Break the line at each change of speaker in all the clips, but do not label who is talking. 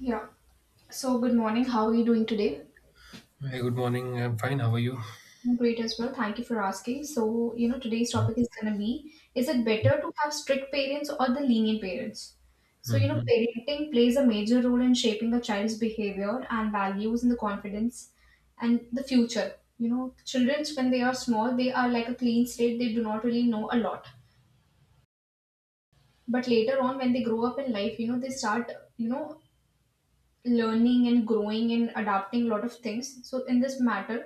Yeah. So, good morning. How are you doing today?
Hi, good morning. I'm fine. How are you?
I'm great as well. Thank you for asking. So, today's topic is going to be, is it better to have strict parents or the lenient parents? So,
Hmm.
parenting plays a major role in shaping a child's behavior and values and the confidence and the future. Children, when they are small, they are like a clean slate. They do not really know a lot. But later on, when they grow up in life, they start, learning and growing and adapting a lot of things. So in this matter,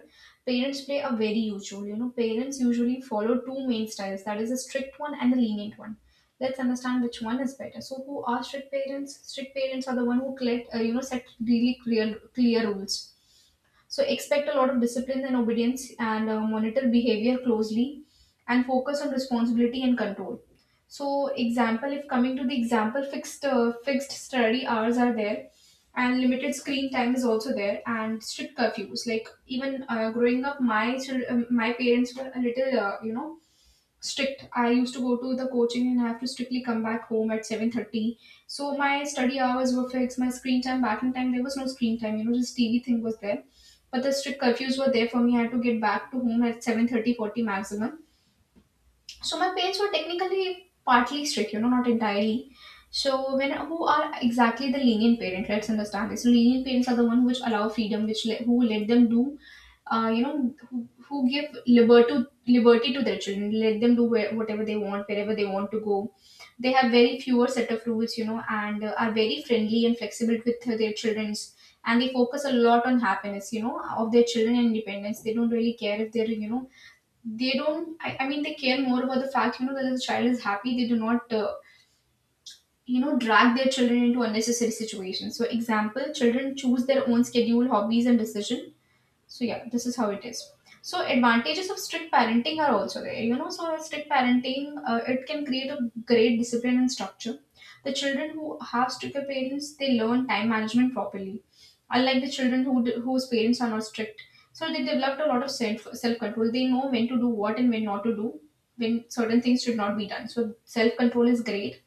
parents play a very huge role. Parents usually follow two main styles, that is a strict one and the lenient one. Let's understand which one is better. So who are strict parents? Strict parents are the one who collect set really clear rules, so expect a lot of discipline and obedience, and monitor behavior closely and focus on responsibility and control. So example, if coming to the example, fixed study hours are there, and limited screen time is also there, and strict curfews. Like, even growing up, my my parents were a little strict. I used to go to the coaching and I have to strictly come back home at 7:30. So my study hours were fixed, my screen time, back in time, there was no screen time, just TV thing was there. But the strict curfews were there for me. I had to get back to home at 7:30, forty maximum. So my parents were technically partly strict, not entirely. So when who are exactly the lenient parent? Let's understand this. So lenient parents are the one which allow freedom, which let, who let them do who give liberty to their children, let them do whatever they want, wherever they want to go. They have very fewer set of rules, and are very friendly and flexible with their childrens. And they focus a lot on happiness, of their children and independence. They don't really care if they're, they don't. I mean, they care more about the fact, that the child is happy. They do not drag their children into unnecessary situations. So example, children choose their own schedule, hobbies and decision. So yeah, this is how it is. So advantages of strict parenting are also there. So strict parenting, it can create a great discipline and structure. The children who have stricter parents, they learn time management properly, unlike the children whose parents are not strict. So they developed a lot of self control. They know when to do what and when not to do, when certain things should not be done. So self control is great.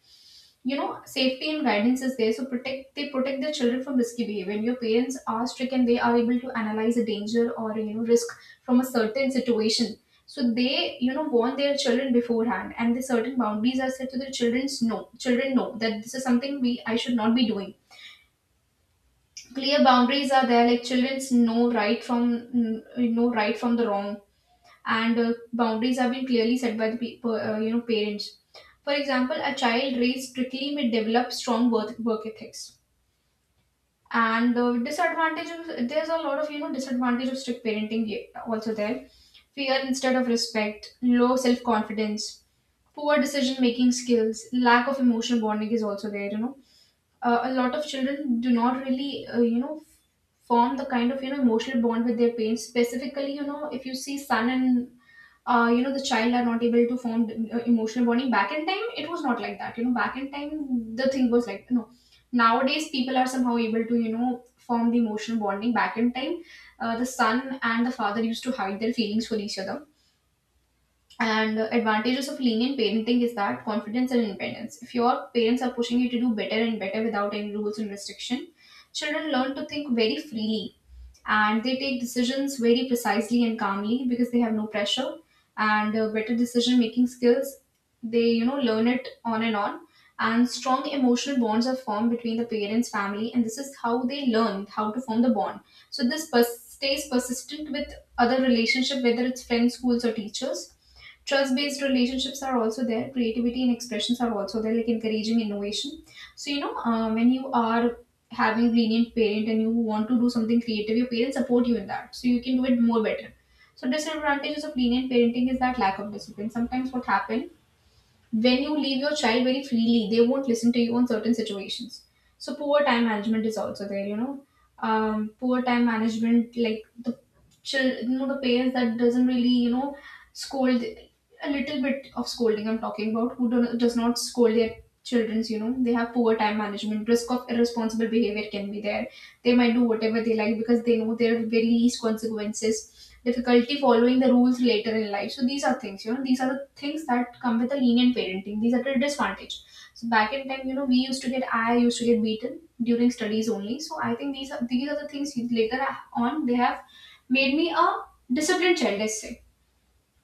Safety and guidance is there, so protect their children from risky behavior. And your parents are strict and they are able to analyze a danger or risk from a certain situation. So they warn their children beforehand, and the certain boundaries are set to the children's. No, children know that this is something we I should not be doing. Clear boundaries are there, like children's know right from the wrong. And boundaries have been clearly set by the people, parents. For example, a child raised strictly may develop strong work ethics. And the disadvantage of, there's a lot of disadvantage of strict parenting also there. Fear instead of respect, low self confidence, poor decision making skills, lack of emotional bonding is also there. A lot of children do not really form the kind of emotional bond with their parents, specifically if you see son and the child are not able to form emotional bonding. Back in time, it was not like that. Back in time the thing was like, no, nowadays people are somehow able to form the emotional bonding. Back in time, the son and the father used to hide their feelings for each other. And the advantages of lenient parenting is that confidence and independence. If your parents are pushing you to do better and better without any rules and restriction, children learn to think very freely, and they take decisions very precisely and calmly because they have no pressure, and better decision making skills. They learn it on, and strong emotional bonds are formed between the parents, family, and this is how they learn how to form the bond. So this stays persistent with other relationship, whether it's friends, schools, or teachers. Trust based relationships are also there, creativity and expressions are also there, like encouraging innovation. So, when you are having lenient parent and you want to do something creative, your parents support you in that. So, you can do it more better. So, disadvantages of lenient parenting is that lack of discipline. Sometimes what happens when you leave your child very freely, they won't listen to you on certain situations. So poor time management is also there. Poor time management, like the children, the parents that doesn't really, scold, a little bit of scolding. I'm talking about who does not scold their childrens. They have poor time management. Risk of irresponsible behavior can be there. They might do whatever they like because they know there are very least consequences, difficulty following the rules later in life. So these are things. These are the things that come with a lenient parenting. These are the disadvantage. So back in time, we used to get I used to get beaten during studies only. So I think these are the things later on. They have made me a disciplined child, let's say.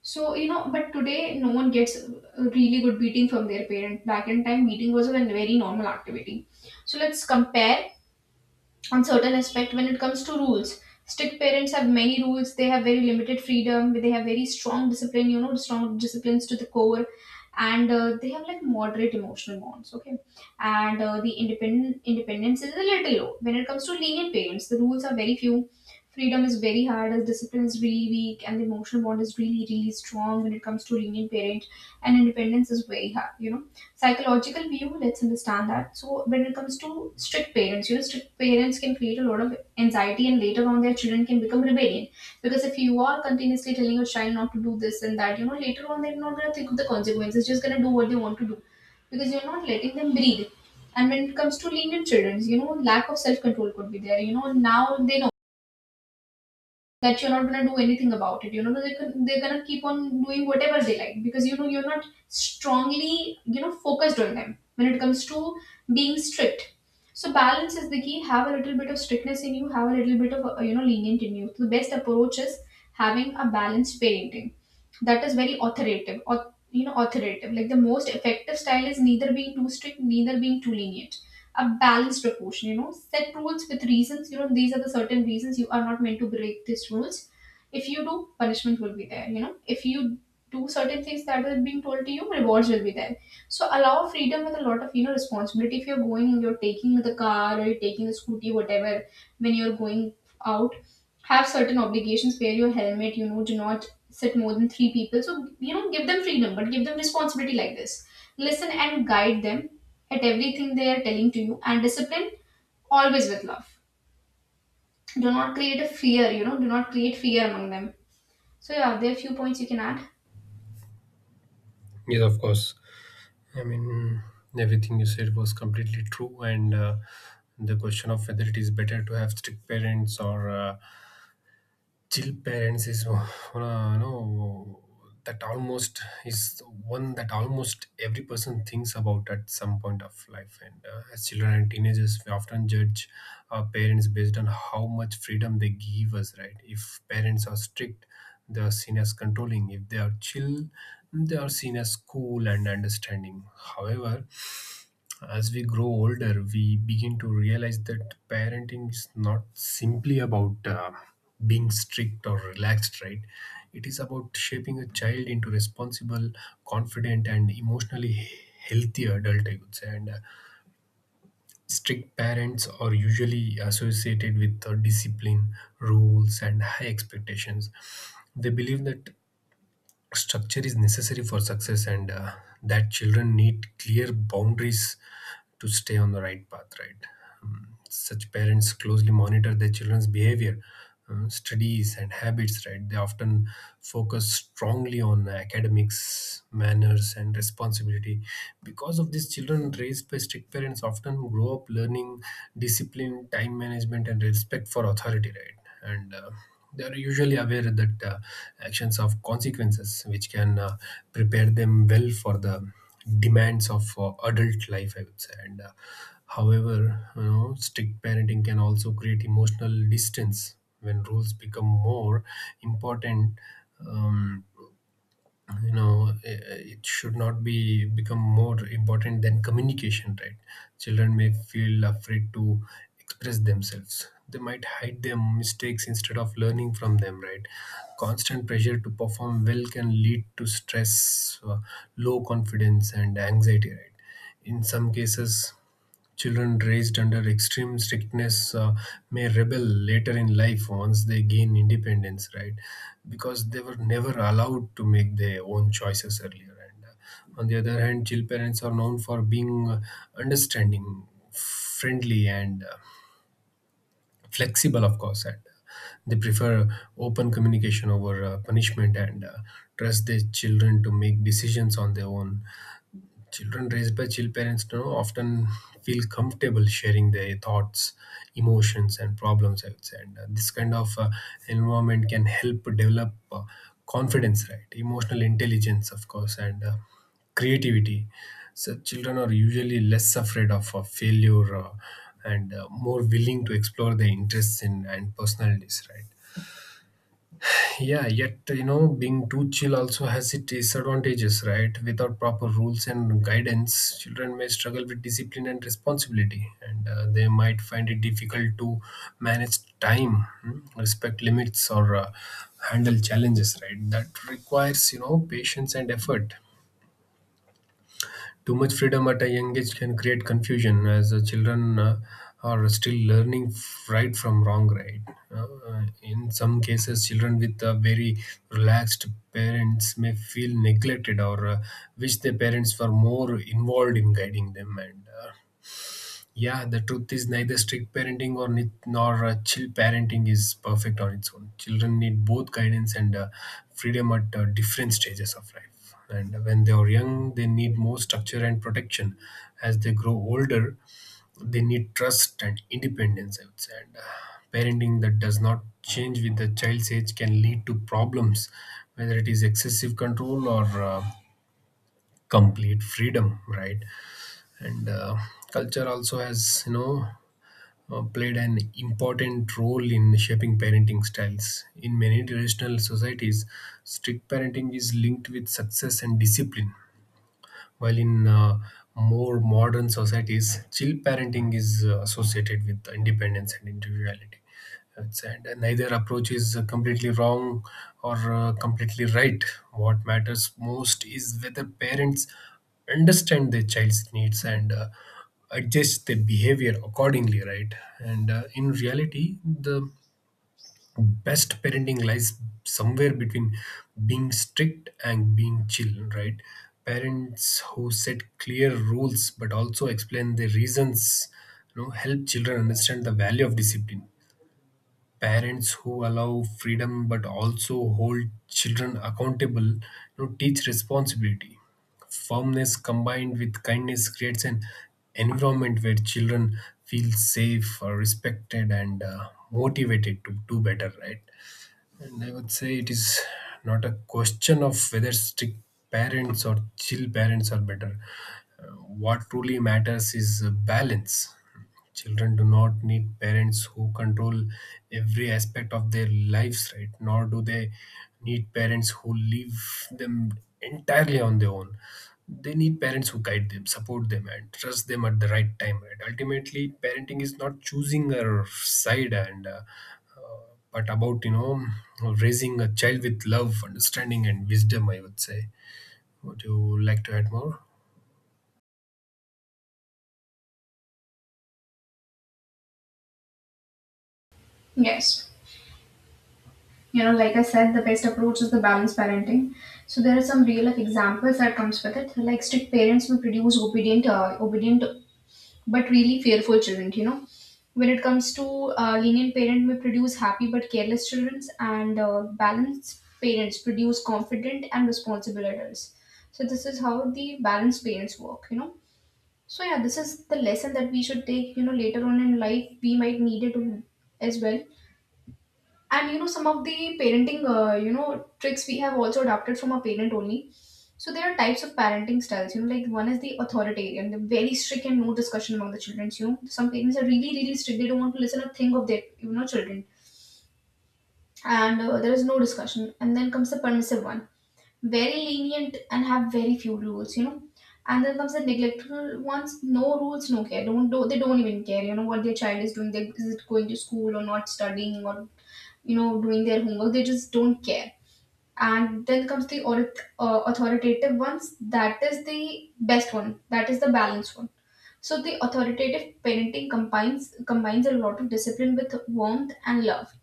So but today no one gets a really good beating from their parent. Back in time, beating was a very normal activity. So let's compare on certain aspect. When it comes to rules, strict parents have many rules, they have very limited freedom, they have very strong discipline, strong disciplines to the core. And they have like moderate emotional bonds, okay. And the independent independence is a little low. When it comes to lenient parents, the rules are very few, freedom is very hard as discipline is really weak, and the emotional bond is really really strong when it comes to lenient parent. And independence is very hard. Psychological view, let's understand that. So when it comes to strict parents, strict parents can create a lot of anxiety, and later on their children can become rebellion, because if you are continuously telling your child not to do this and that, later on they're not going to think of the consequences, just going to do what they want to do, because you're not letting them breathe. And when it comes to lenient children, lack of self control could be there. Now they know that you're not gonna do anything about it. They're gonna keep on doing whatever they like, because you're not strongly focused on them when it comes to being strict. So balance is the key. Have a little bit of strictness in you. Have a little bit of lenient in you. So the best approach is having a balanced parenting, that is very authoritative or you know authoritative. Like, the most effective style is neither being too strict, neither being too lenient, a balanced proportion. Set rules with reasons. These are the certain reasons you are not meant to break these rules. If you do, punishment will be there. If you do certain things that are being told to you, rewards will be there. So allow freedom with a lot of responsibility. If you're going you're taking the car, or you're taking the scooty, whatever. When you're going out, have certain obligations. Wear your helmet. Do not sit more than three people. So give them freedom, but give them responsibility like this. Listen and guide them at everything they are telling to you, and discipline always with love. Do not create a fear. Do not create fear among them. So yeah, there are few points you can add.
Yes, of course. I mean, everything you said was completely true. And the question of whether it is better to have strict parents or chill parents is one no that almost is one that almost every person thinks about at some point of life, and as children and teenagers we often judge our parents based on how much freedom they give us, right? If parents are strict, they are seen as controlling. If they are chill, they are seen as cool and understanding. However, as we grow older, we begin to realize that parenting is not simply about being strict or relaxed, right? It is about shaping a child into responsible, confident, and emotionally healthy adult, I would say. And strict parents are usually associated with discipline, rules, and high expectations. They believe that structure is necessary for success, and that children need clear boundaries to stay on the right path, right? Such parents closely monitor their children's behavior, studies and habits, right? They often focus strongly on academics, manners and responsibility. Because of this, children raised by strict parents often grow up learning discipline, time management and respect for authority, right? And they are usually aware that actions have consequences, which can prepare them well for the demands of adult life, I would say. And however, you know, strict parenting can also create emotional distance when rules become more important. Um, you know, it should not be become more important than communication, right? Children may feel afraid to express themselves. They might hide their mistakes instead of learning from them, right? Constant pressure to perform well can lead to stress, low confidence and anxiety, right? In some cases, children raised under extreme strictness may rebel later in life once they gain independence, right? Because they were never allowed to make their own choices earlier. And on the other hand, chill parents are known for being understanding, friendly, and flexible, of course. And they prefer open communication over punishment, and trust their children to make decisions on their own. Children raised by chill parents, you know, often feel comfortable sharing their thoughts, emotions, and problems, I would say. And this kind of environment can help develop confidence, right? Emotional intelligence, of course, and creativity. So children are usually less afraid of failure and more willing to explore their interests in and personalities, right? Yeah, yet you know, being too chill also has its disadvantages, right? Without proper rules and guidance, children may struggle with discipline and responsibility, and they might find it difficult to manage time, respect limits, or handle challenges, right? That requires you know patience and effort. Too much freedom at a young age can create confusion as the children are still learning right from wrong, right? In some cases, children with very relaxed parents may feel neglected or wish their parents were more involved in guiding them. And yeah, the truth is neither strict parenting or nor chill parenting is perfect on its own. Children need both guidance and freedom at different stages of life. And when they are young, they need more structure and protection. As they grow older, they need trust and independence, I would say. And parenting that does not change with the child's age can lead to problems, whether it is excessive control or complete freedom, right? And culture also has you know played an important role in shaping parenting styles. In many traditional societies, strict parenting is linked with success and discipline, while in more modern societies, chill parenting is associated with independence and individuality. And neither approach is completely wrong or completely right. What matters most is whether parents understand their child's needs and adjust their behavior accordingly, right? And in reality, the best parenting lies somewhere between being strict and being chill, right? Parents who set clear rules but also explain the reasons, you know, help children understand the value of discipline. Parents who allow freedom but also hold children accountable, you know, teach responsibility. Firmness combined with kindness creates an environment where children feel safe, respected, and motivated to do better, right? And I would say it is not a question of whether strict parents or chill parents are better. Uh, what truly matters is balance. Children do not need parents who control every aspect of their lives, right? Nor do they need parents who leave them entirely on their own. They need parents who guide them, support them, and trust them at the right time, right? Ultimately, parenting is not choosing a side, and but about you know raising a child with love, understanding and wisdom, I would say. Would you like to add more?
Yes. Like I said, the best approach is the balanced parenting. So there are some real life examples that comes with it. Like strict parents will produce obedient but really fearful children, when it comes to. Lenient parent may produce happy but careless children. And balanced parents produce confident and responsible adults. So this is how the balanced parents work. So yeah, this is the lesson that we should take, later on in life we might need it as well. And some of the parenting tricks we have also adopted from a parent only. So there are types of parenting styles, like one is the authoritarian, the very strict, and no discussion among the children. Some parents are really really strict. They don't want to listen a thing of their children. And there is no discussion. And then comes the permissive one, very lenient, and have very few rules. And then comes the neglectful ones, no rules, no care. Don't do They don't even care, what their child is doing. They, is it going to school or not studying or doing their homework, they just don't care. And then comes the authoritative ones, that is the best one, that is the balanced one. So the authoritative parenting combines a lot of discipline with warmth and love.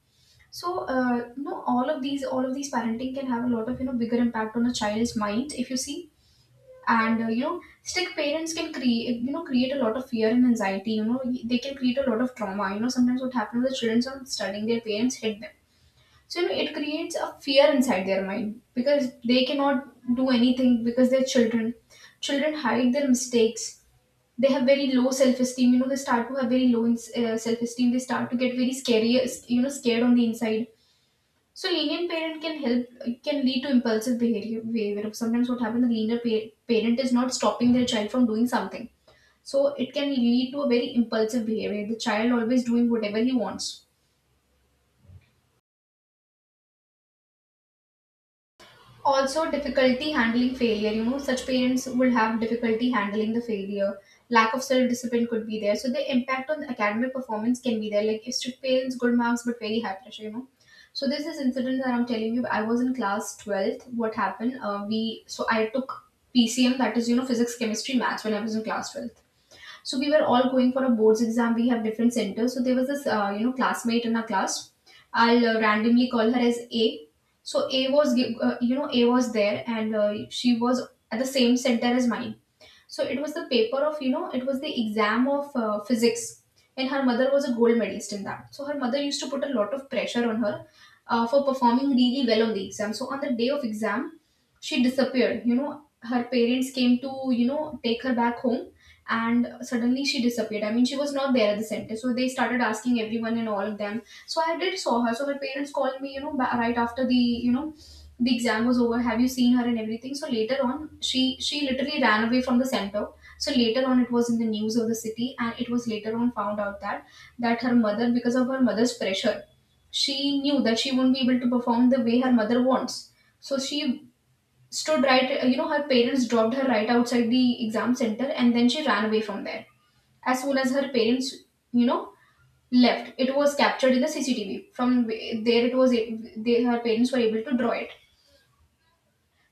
So all of these parenting can have a lot of bigger impact on a child's mind, if you see. And strict parents can create you know create a lot of fear and anxiety. They can create a lot of trauma. Sometimes what happens, the children are studying, their parents hit them. So it creates a fear inside their mind because they cannot do anything because they're children. Children hide their mistakes. They have very low self-esteem. They start to have very low in, self-esteem. They start to get very scary, scared on the inside. So lenient parent can lead to impulsive behavior. Sometimes what happens, the lenient parent is not stopping their child from doing something. So it can lead to a very impulsive behavior. The child always doing whatever he wants. Also difficulty handling failure. Such parents will have difficulty handling the failure. Lack of self discipline could be there. So the impact on the academic performance can be there. Like if strict parents, good marks, but very high pressure. So there's this incident that I'm telling you. I was in class 12th. What happened, we so I took PCM, that is physics, chemistry, maths, when I was in class 12th. So we were all going for a boards exam. We have different centers. So there was this, classmate in our class. I'll randomly call her as A. So A was, gi- you know, A was there, and she was at the same center as mine. So it was the exam of physics. And her mother was a gold medalist in that. So her mother used to put a lot of pressure on her for performing really well on the exam. So on the day of exam, she disappeared. Her parents came to, take her back home, and suddenly she disappeared. I mean, she was not there at the center. So they started asking everyone and all of them. So I did saw her. So her parents called me, right after the, the exam was over, have you seen her and everything. So later on, she literally ran away from the center. So later on it was in the news of the city, and it was later on found out that her mother, because of her mother's pressure, she knew that she won't be able to perform the way her mother wants. So she stood right, her parents dropped her right outside the exam center, and then she ran away from there as soon as her parents you know left. It was captured in the CCTV. From there it was they, her parents, were able to draw it.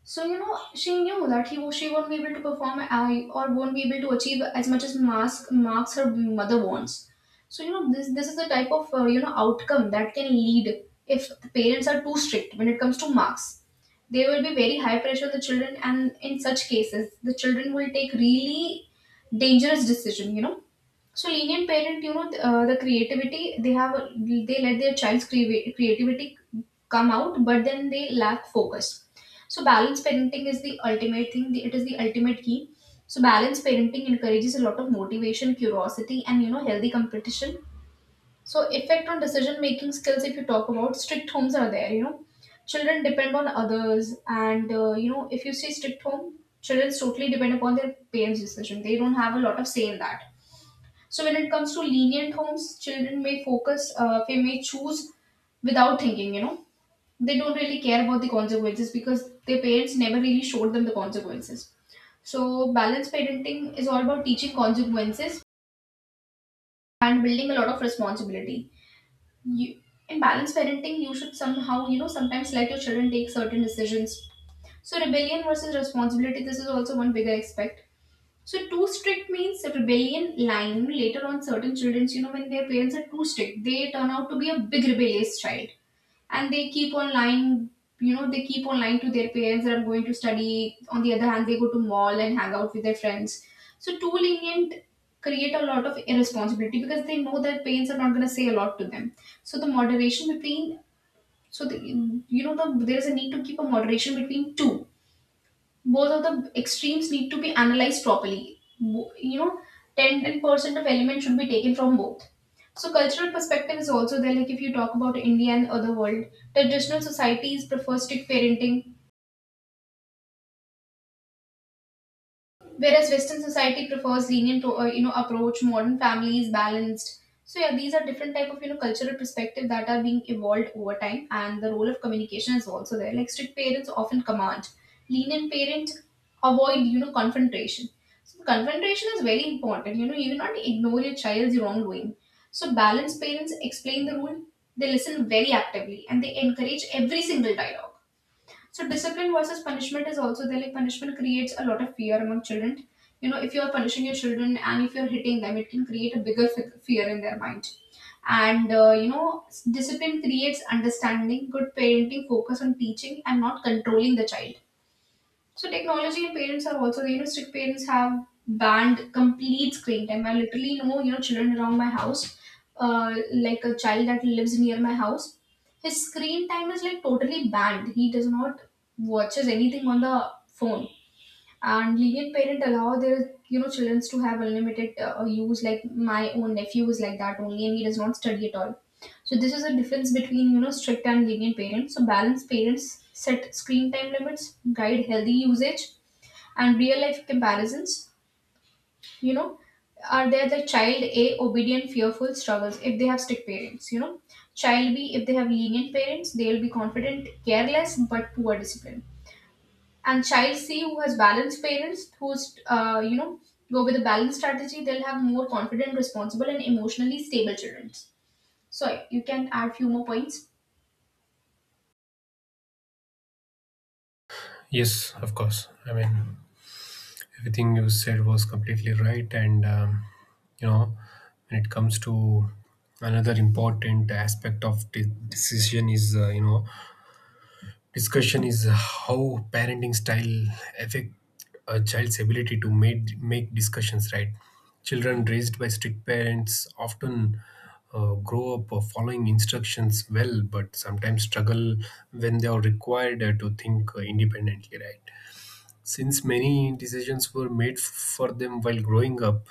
So she knew that he she won't be able to perform, or won't be able to achieve as much as mask marks her mother wants. So this is the type of outcome that can lead if the parents are too strict when it comes to marks. There will be very high pressure on the children, and in such cases, the children will take really dangerous decision. So lenient parent, the creativity they have, they let their child's creativity come out, but then they lack focus. So balanced parenting is the ultimate thing. It is the ultimate key. So balanced parenting encourages a lot of motivation, curiosity, and healthy competition. So effect on decision making skills. If you talk about strict homes are there, children depend on others, and if you say strict home, children totally depend upon their parents' decision. They don't have a lot of say in that. So when it comes to lenient homes, children may they may choose without thinking. They don't really care about the consequences because their parents never really showed them the consequences. So balanced parenting is all about teaching consequences and building a lot of responsibility. You, in balanced parenting, you should somehow, sometimes let your children take certain decisions. So rebellion versus responsibility, this is also one bigger aspect. So too strict means a rebellion line. Later on, certain children, when their parents are too strict, they turn out to be a big rebellious child, and they keep on lying. They keep on lying to their parents that I'm going to study. On the other hand, they go to mall and hang out with their friends. So too lenient create a lot of irresponsibility because they know their parents are not going to say a lot to them. So the moderation between so the there is a need to keep a moderation between two. Both of the extremes need to be analyzed properly. Ten 10 percent of elements should be taken from both. So cultural perspective is also there. Like if you talk about India and other world, traditional societies prefer strict parenting, whereas Western society prefers lenient, approach. Modern family is balanced. So yeah, these are different type of cultural perspective that are being evolved over time, and the role of communication is also there. Like strict parents often command, lenient parent avoid confrontation. So the confrontation is very important. You do not ignore your child's wrongdoing. So balanced parents explain the rule. They listen very actively and they encourage every single dialogue. So discipline versus punishment is also there. Like punishment creates a lot of fear among children. If you are punishing your children and if you are hitting them, it can create a bigger fear in their mind. And discipline creates understanding. Good parenting focus on teaching and not controlling the child. So technology and parents are also, strict parents have banned complete screen time. I literally know, children around my house, like a child that lives near my house, his screen time is like totally banned. He does not watches anything on the phone. And lenient parent allow their children to have unlimited use. Like my own nephew is like that only, and he does not study at all. So this is a difference between strict and lenient parents. So balanced parents set screen time limits, guide healthy usage. And real life comparisons you know are there. The child A, obedient, fearful, struggles if they have strict parents. Child B, if they have lenient parents, they'll be confident, careless, but poor discipline. And child C, who has balanced parents, who's go with a balanced strategy, they'll have more confident, responsible, and emotionally stable children. So you can add few more points.
Yes, of course. I mean, everything you said was completely right. And you know, when it comes to another important aspect of the decision is you know discussion is how parenting style affect a child's ability to make discussions, right? Children raised by strict parents often grow up following instructions well but sometimes struggle when they are required to think independently, right? Since many decisions were made for them while growing up,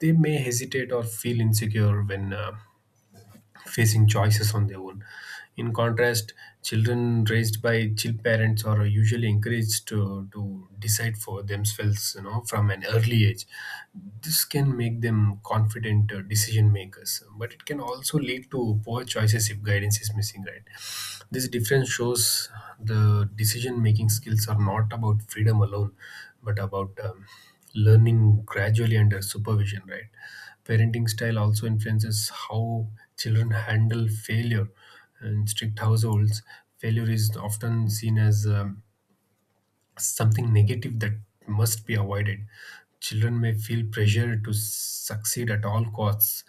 they may hesitate or feel insecure when facing choices on their own. In contrast, children raised by chill parents are usually encouraged to, decide for themselves, you know, from an early age. This can make them confident decision makers, but it can also lead to poor choices if guidance is missing, right? This difference shows the decision making skills are not about freedom alone, but about learning gradually under supervision, right? Parenting style also influences how children handle failure. In strict households, failure is often seen as something negative that must be avoided. Children may feel pressure to succeed at all costs,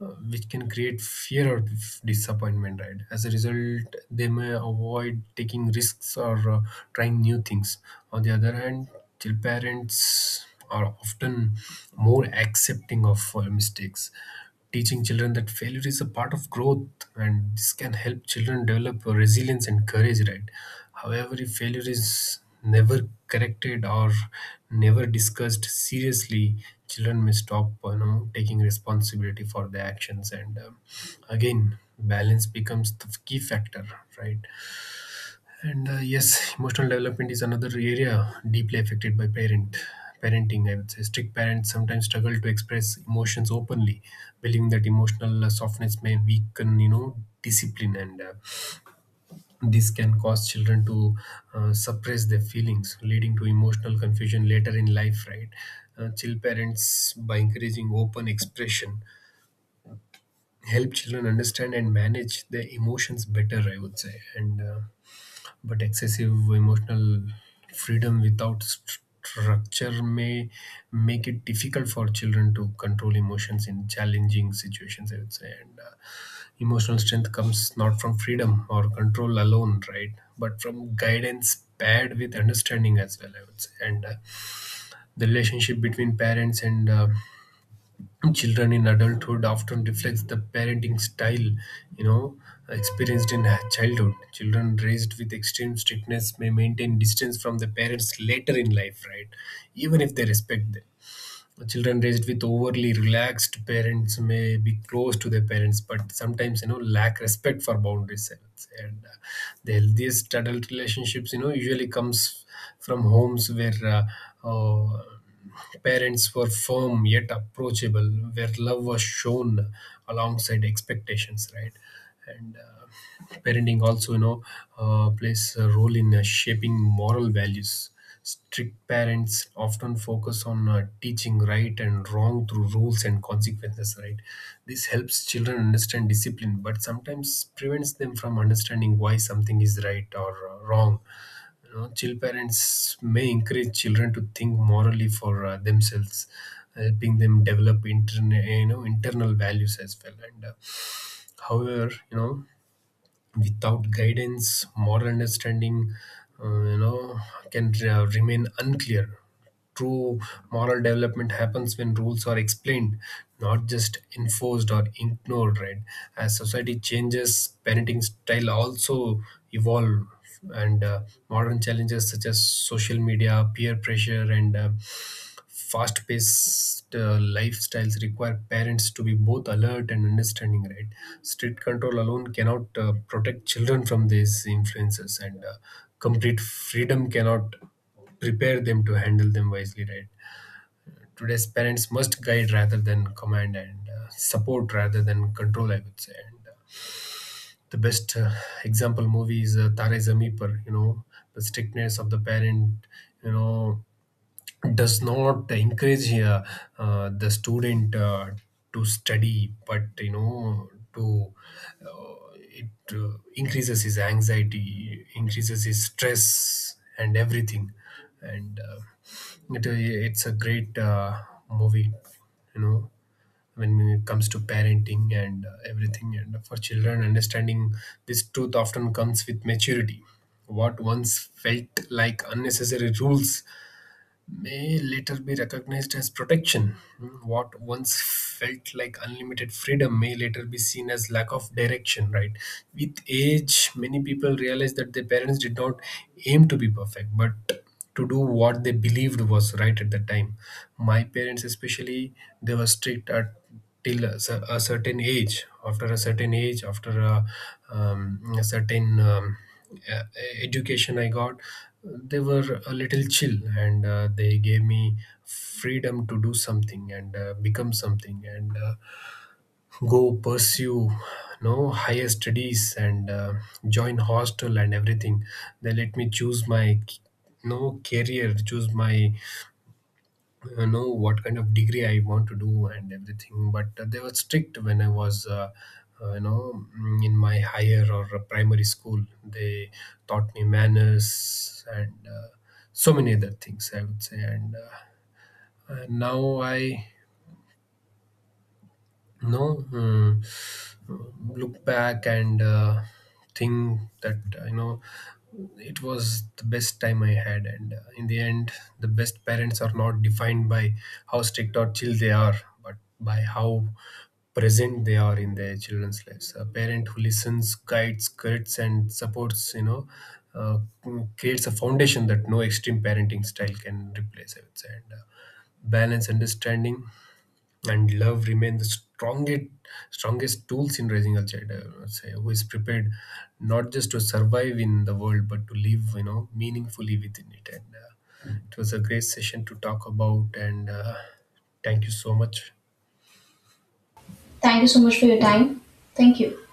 uh, which can create fear of disappointment, right? As a result, they may avoid taking risks or trying new things. On the other hand, child parents are often more accepting of mistakes, teaching children that failure is a part of growth, and this can help children develop resilience and courage, right? However, if failure is never corrected or never discussed seriously, children may stop you know taking responsibility for their actions. And again balance becomes the key factor, right? And yes, emotional development is another area deeply affected by parenting, I would say. Strict parents sometimes struggle to express emotions openly, believing that emotional softness may weaken, you know, discipline, and this can cause children to suppress their feelings, leading to emotional confusion later in life, right? Chill parents, by encouraging open expression, help children understand and manage their emotions better, I would say. And. But excessive emotional freedom without structure may make it difficult for children to control emotions in challenging situations, I would say. And emotional strength comes not from freedom or control alone, right, but from guidance paired with understanding as well, I would say. And the relationship between parents and children in adulthood often reflects the parenting style, you know, experienced in childhood. Children raised with extreme strictness may maintain distance from the parents later in life, right, even if they respect them. Children raised with overly relaxed parents may be close to their parents, but sometimes you know lack respect for boundaries, I would say. And the healthiest adult relationships, you know, usually comes from homes where uh, parents were firm yet approachable, where love was shown alongside expectations, right? And parenting also, you know, plays a role in shaping moral values. Strict parents often focus on teaching right and wrong through rules and consequences, right? This helps children understand discipline, but sometimes prevents them from understanding why something is right or wrong. You know, chill parents may encourage children to think morally for themselves, helping them develop you know, internal values as well. And however, you know, without guidance, moral understanding, you know, can remain unclear. True moral development happens when rules are explained, not just enforced or ignored, right? As society changes, parenting style also evolve. And modern challenges such as social media, peer pressure and fast paced lifestyles require parents to be both alert and understanding, right? Strict control alone cannot protect children from these influences, and complete freedom cannot prepare them to handle them wisely, right? Today's parents must guide rather than command, and support rather than control, I would say. And the best example movie is Tare Zameen Par, you know. The strictness of the parent, you know, does not encourage the student to study, but you know to it increases his anxiety, increases his stress and everything. And it's a great movie, you know, when it comes to parenting and everything. And for children, understanding this truth often comes with maturity. What once felt like unnecessary rules may later be recognized as protection. Hmm. What once felt like unlimited freedom may later be seen as lack of direction, right? With age, many people realize that their parents did not aim to be perfect, but to do what they believed was right at the time. My parents, especially, they were strict at till a, cer- a certain age after a certain age. After a certain education I got, they were a little chill, and they gave me freedom to do something, and become something, and go pursue no higher studies, and join hostel and everything. They let me choose my no career, choose my know what kind of degree I want to do and everything. But they were strict when I was, in my higher or primary school. They taught me manners and so many other things, I would say. And now I know, mm, look back and think that, you know, it was the best time I had. And in the end, the best parents are not defined by how strict or chill they are, but by how present they are in their children's lives. A parent who listens, guides, corrects, and supports, you know, uh, creates a foundation that no extreme parenting style can replace, I would say. And balance, understanding and love remain the strongest tools in raising a child, I would say, who is prepared not just to survive in the world but to live you know meaningfully within it. And it was a great session to talk about. And thank you so much.
Thank you so much for your time. Thank you.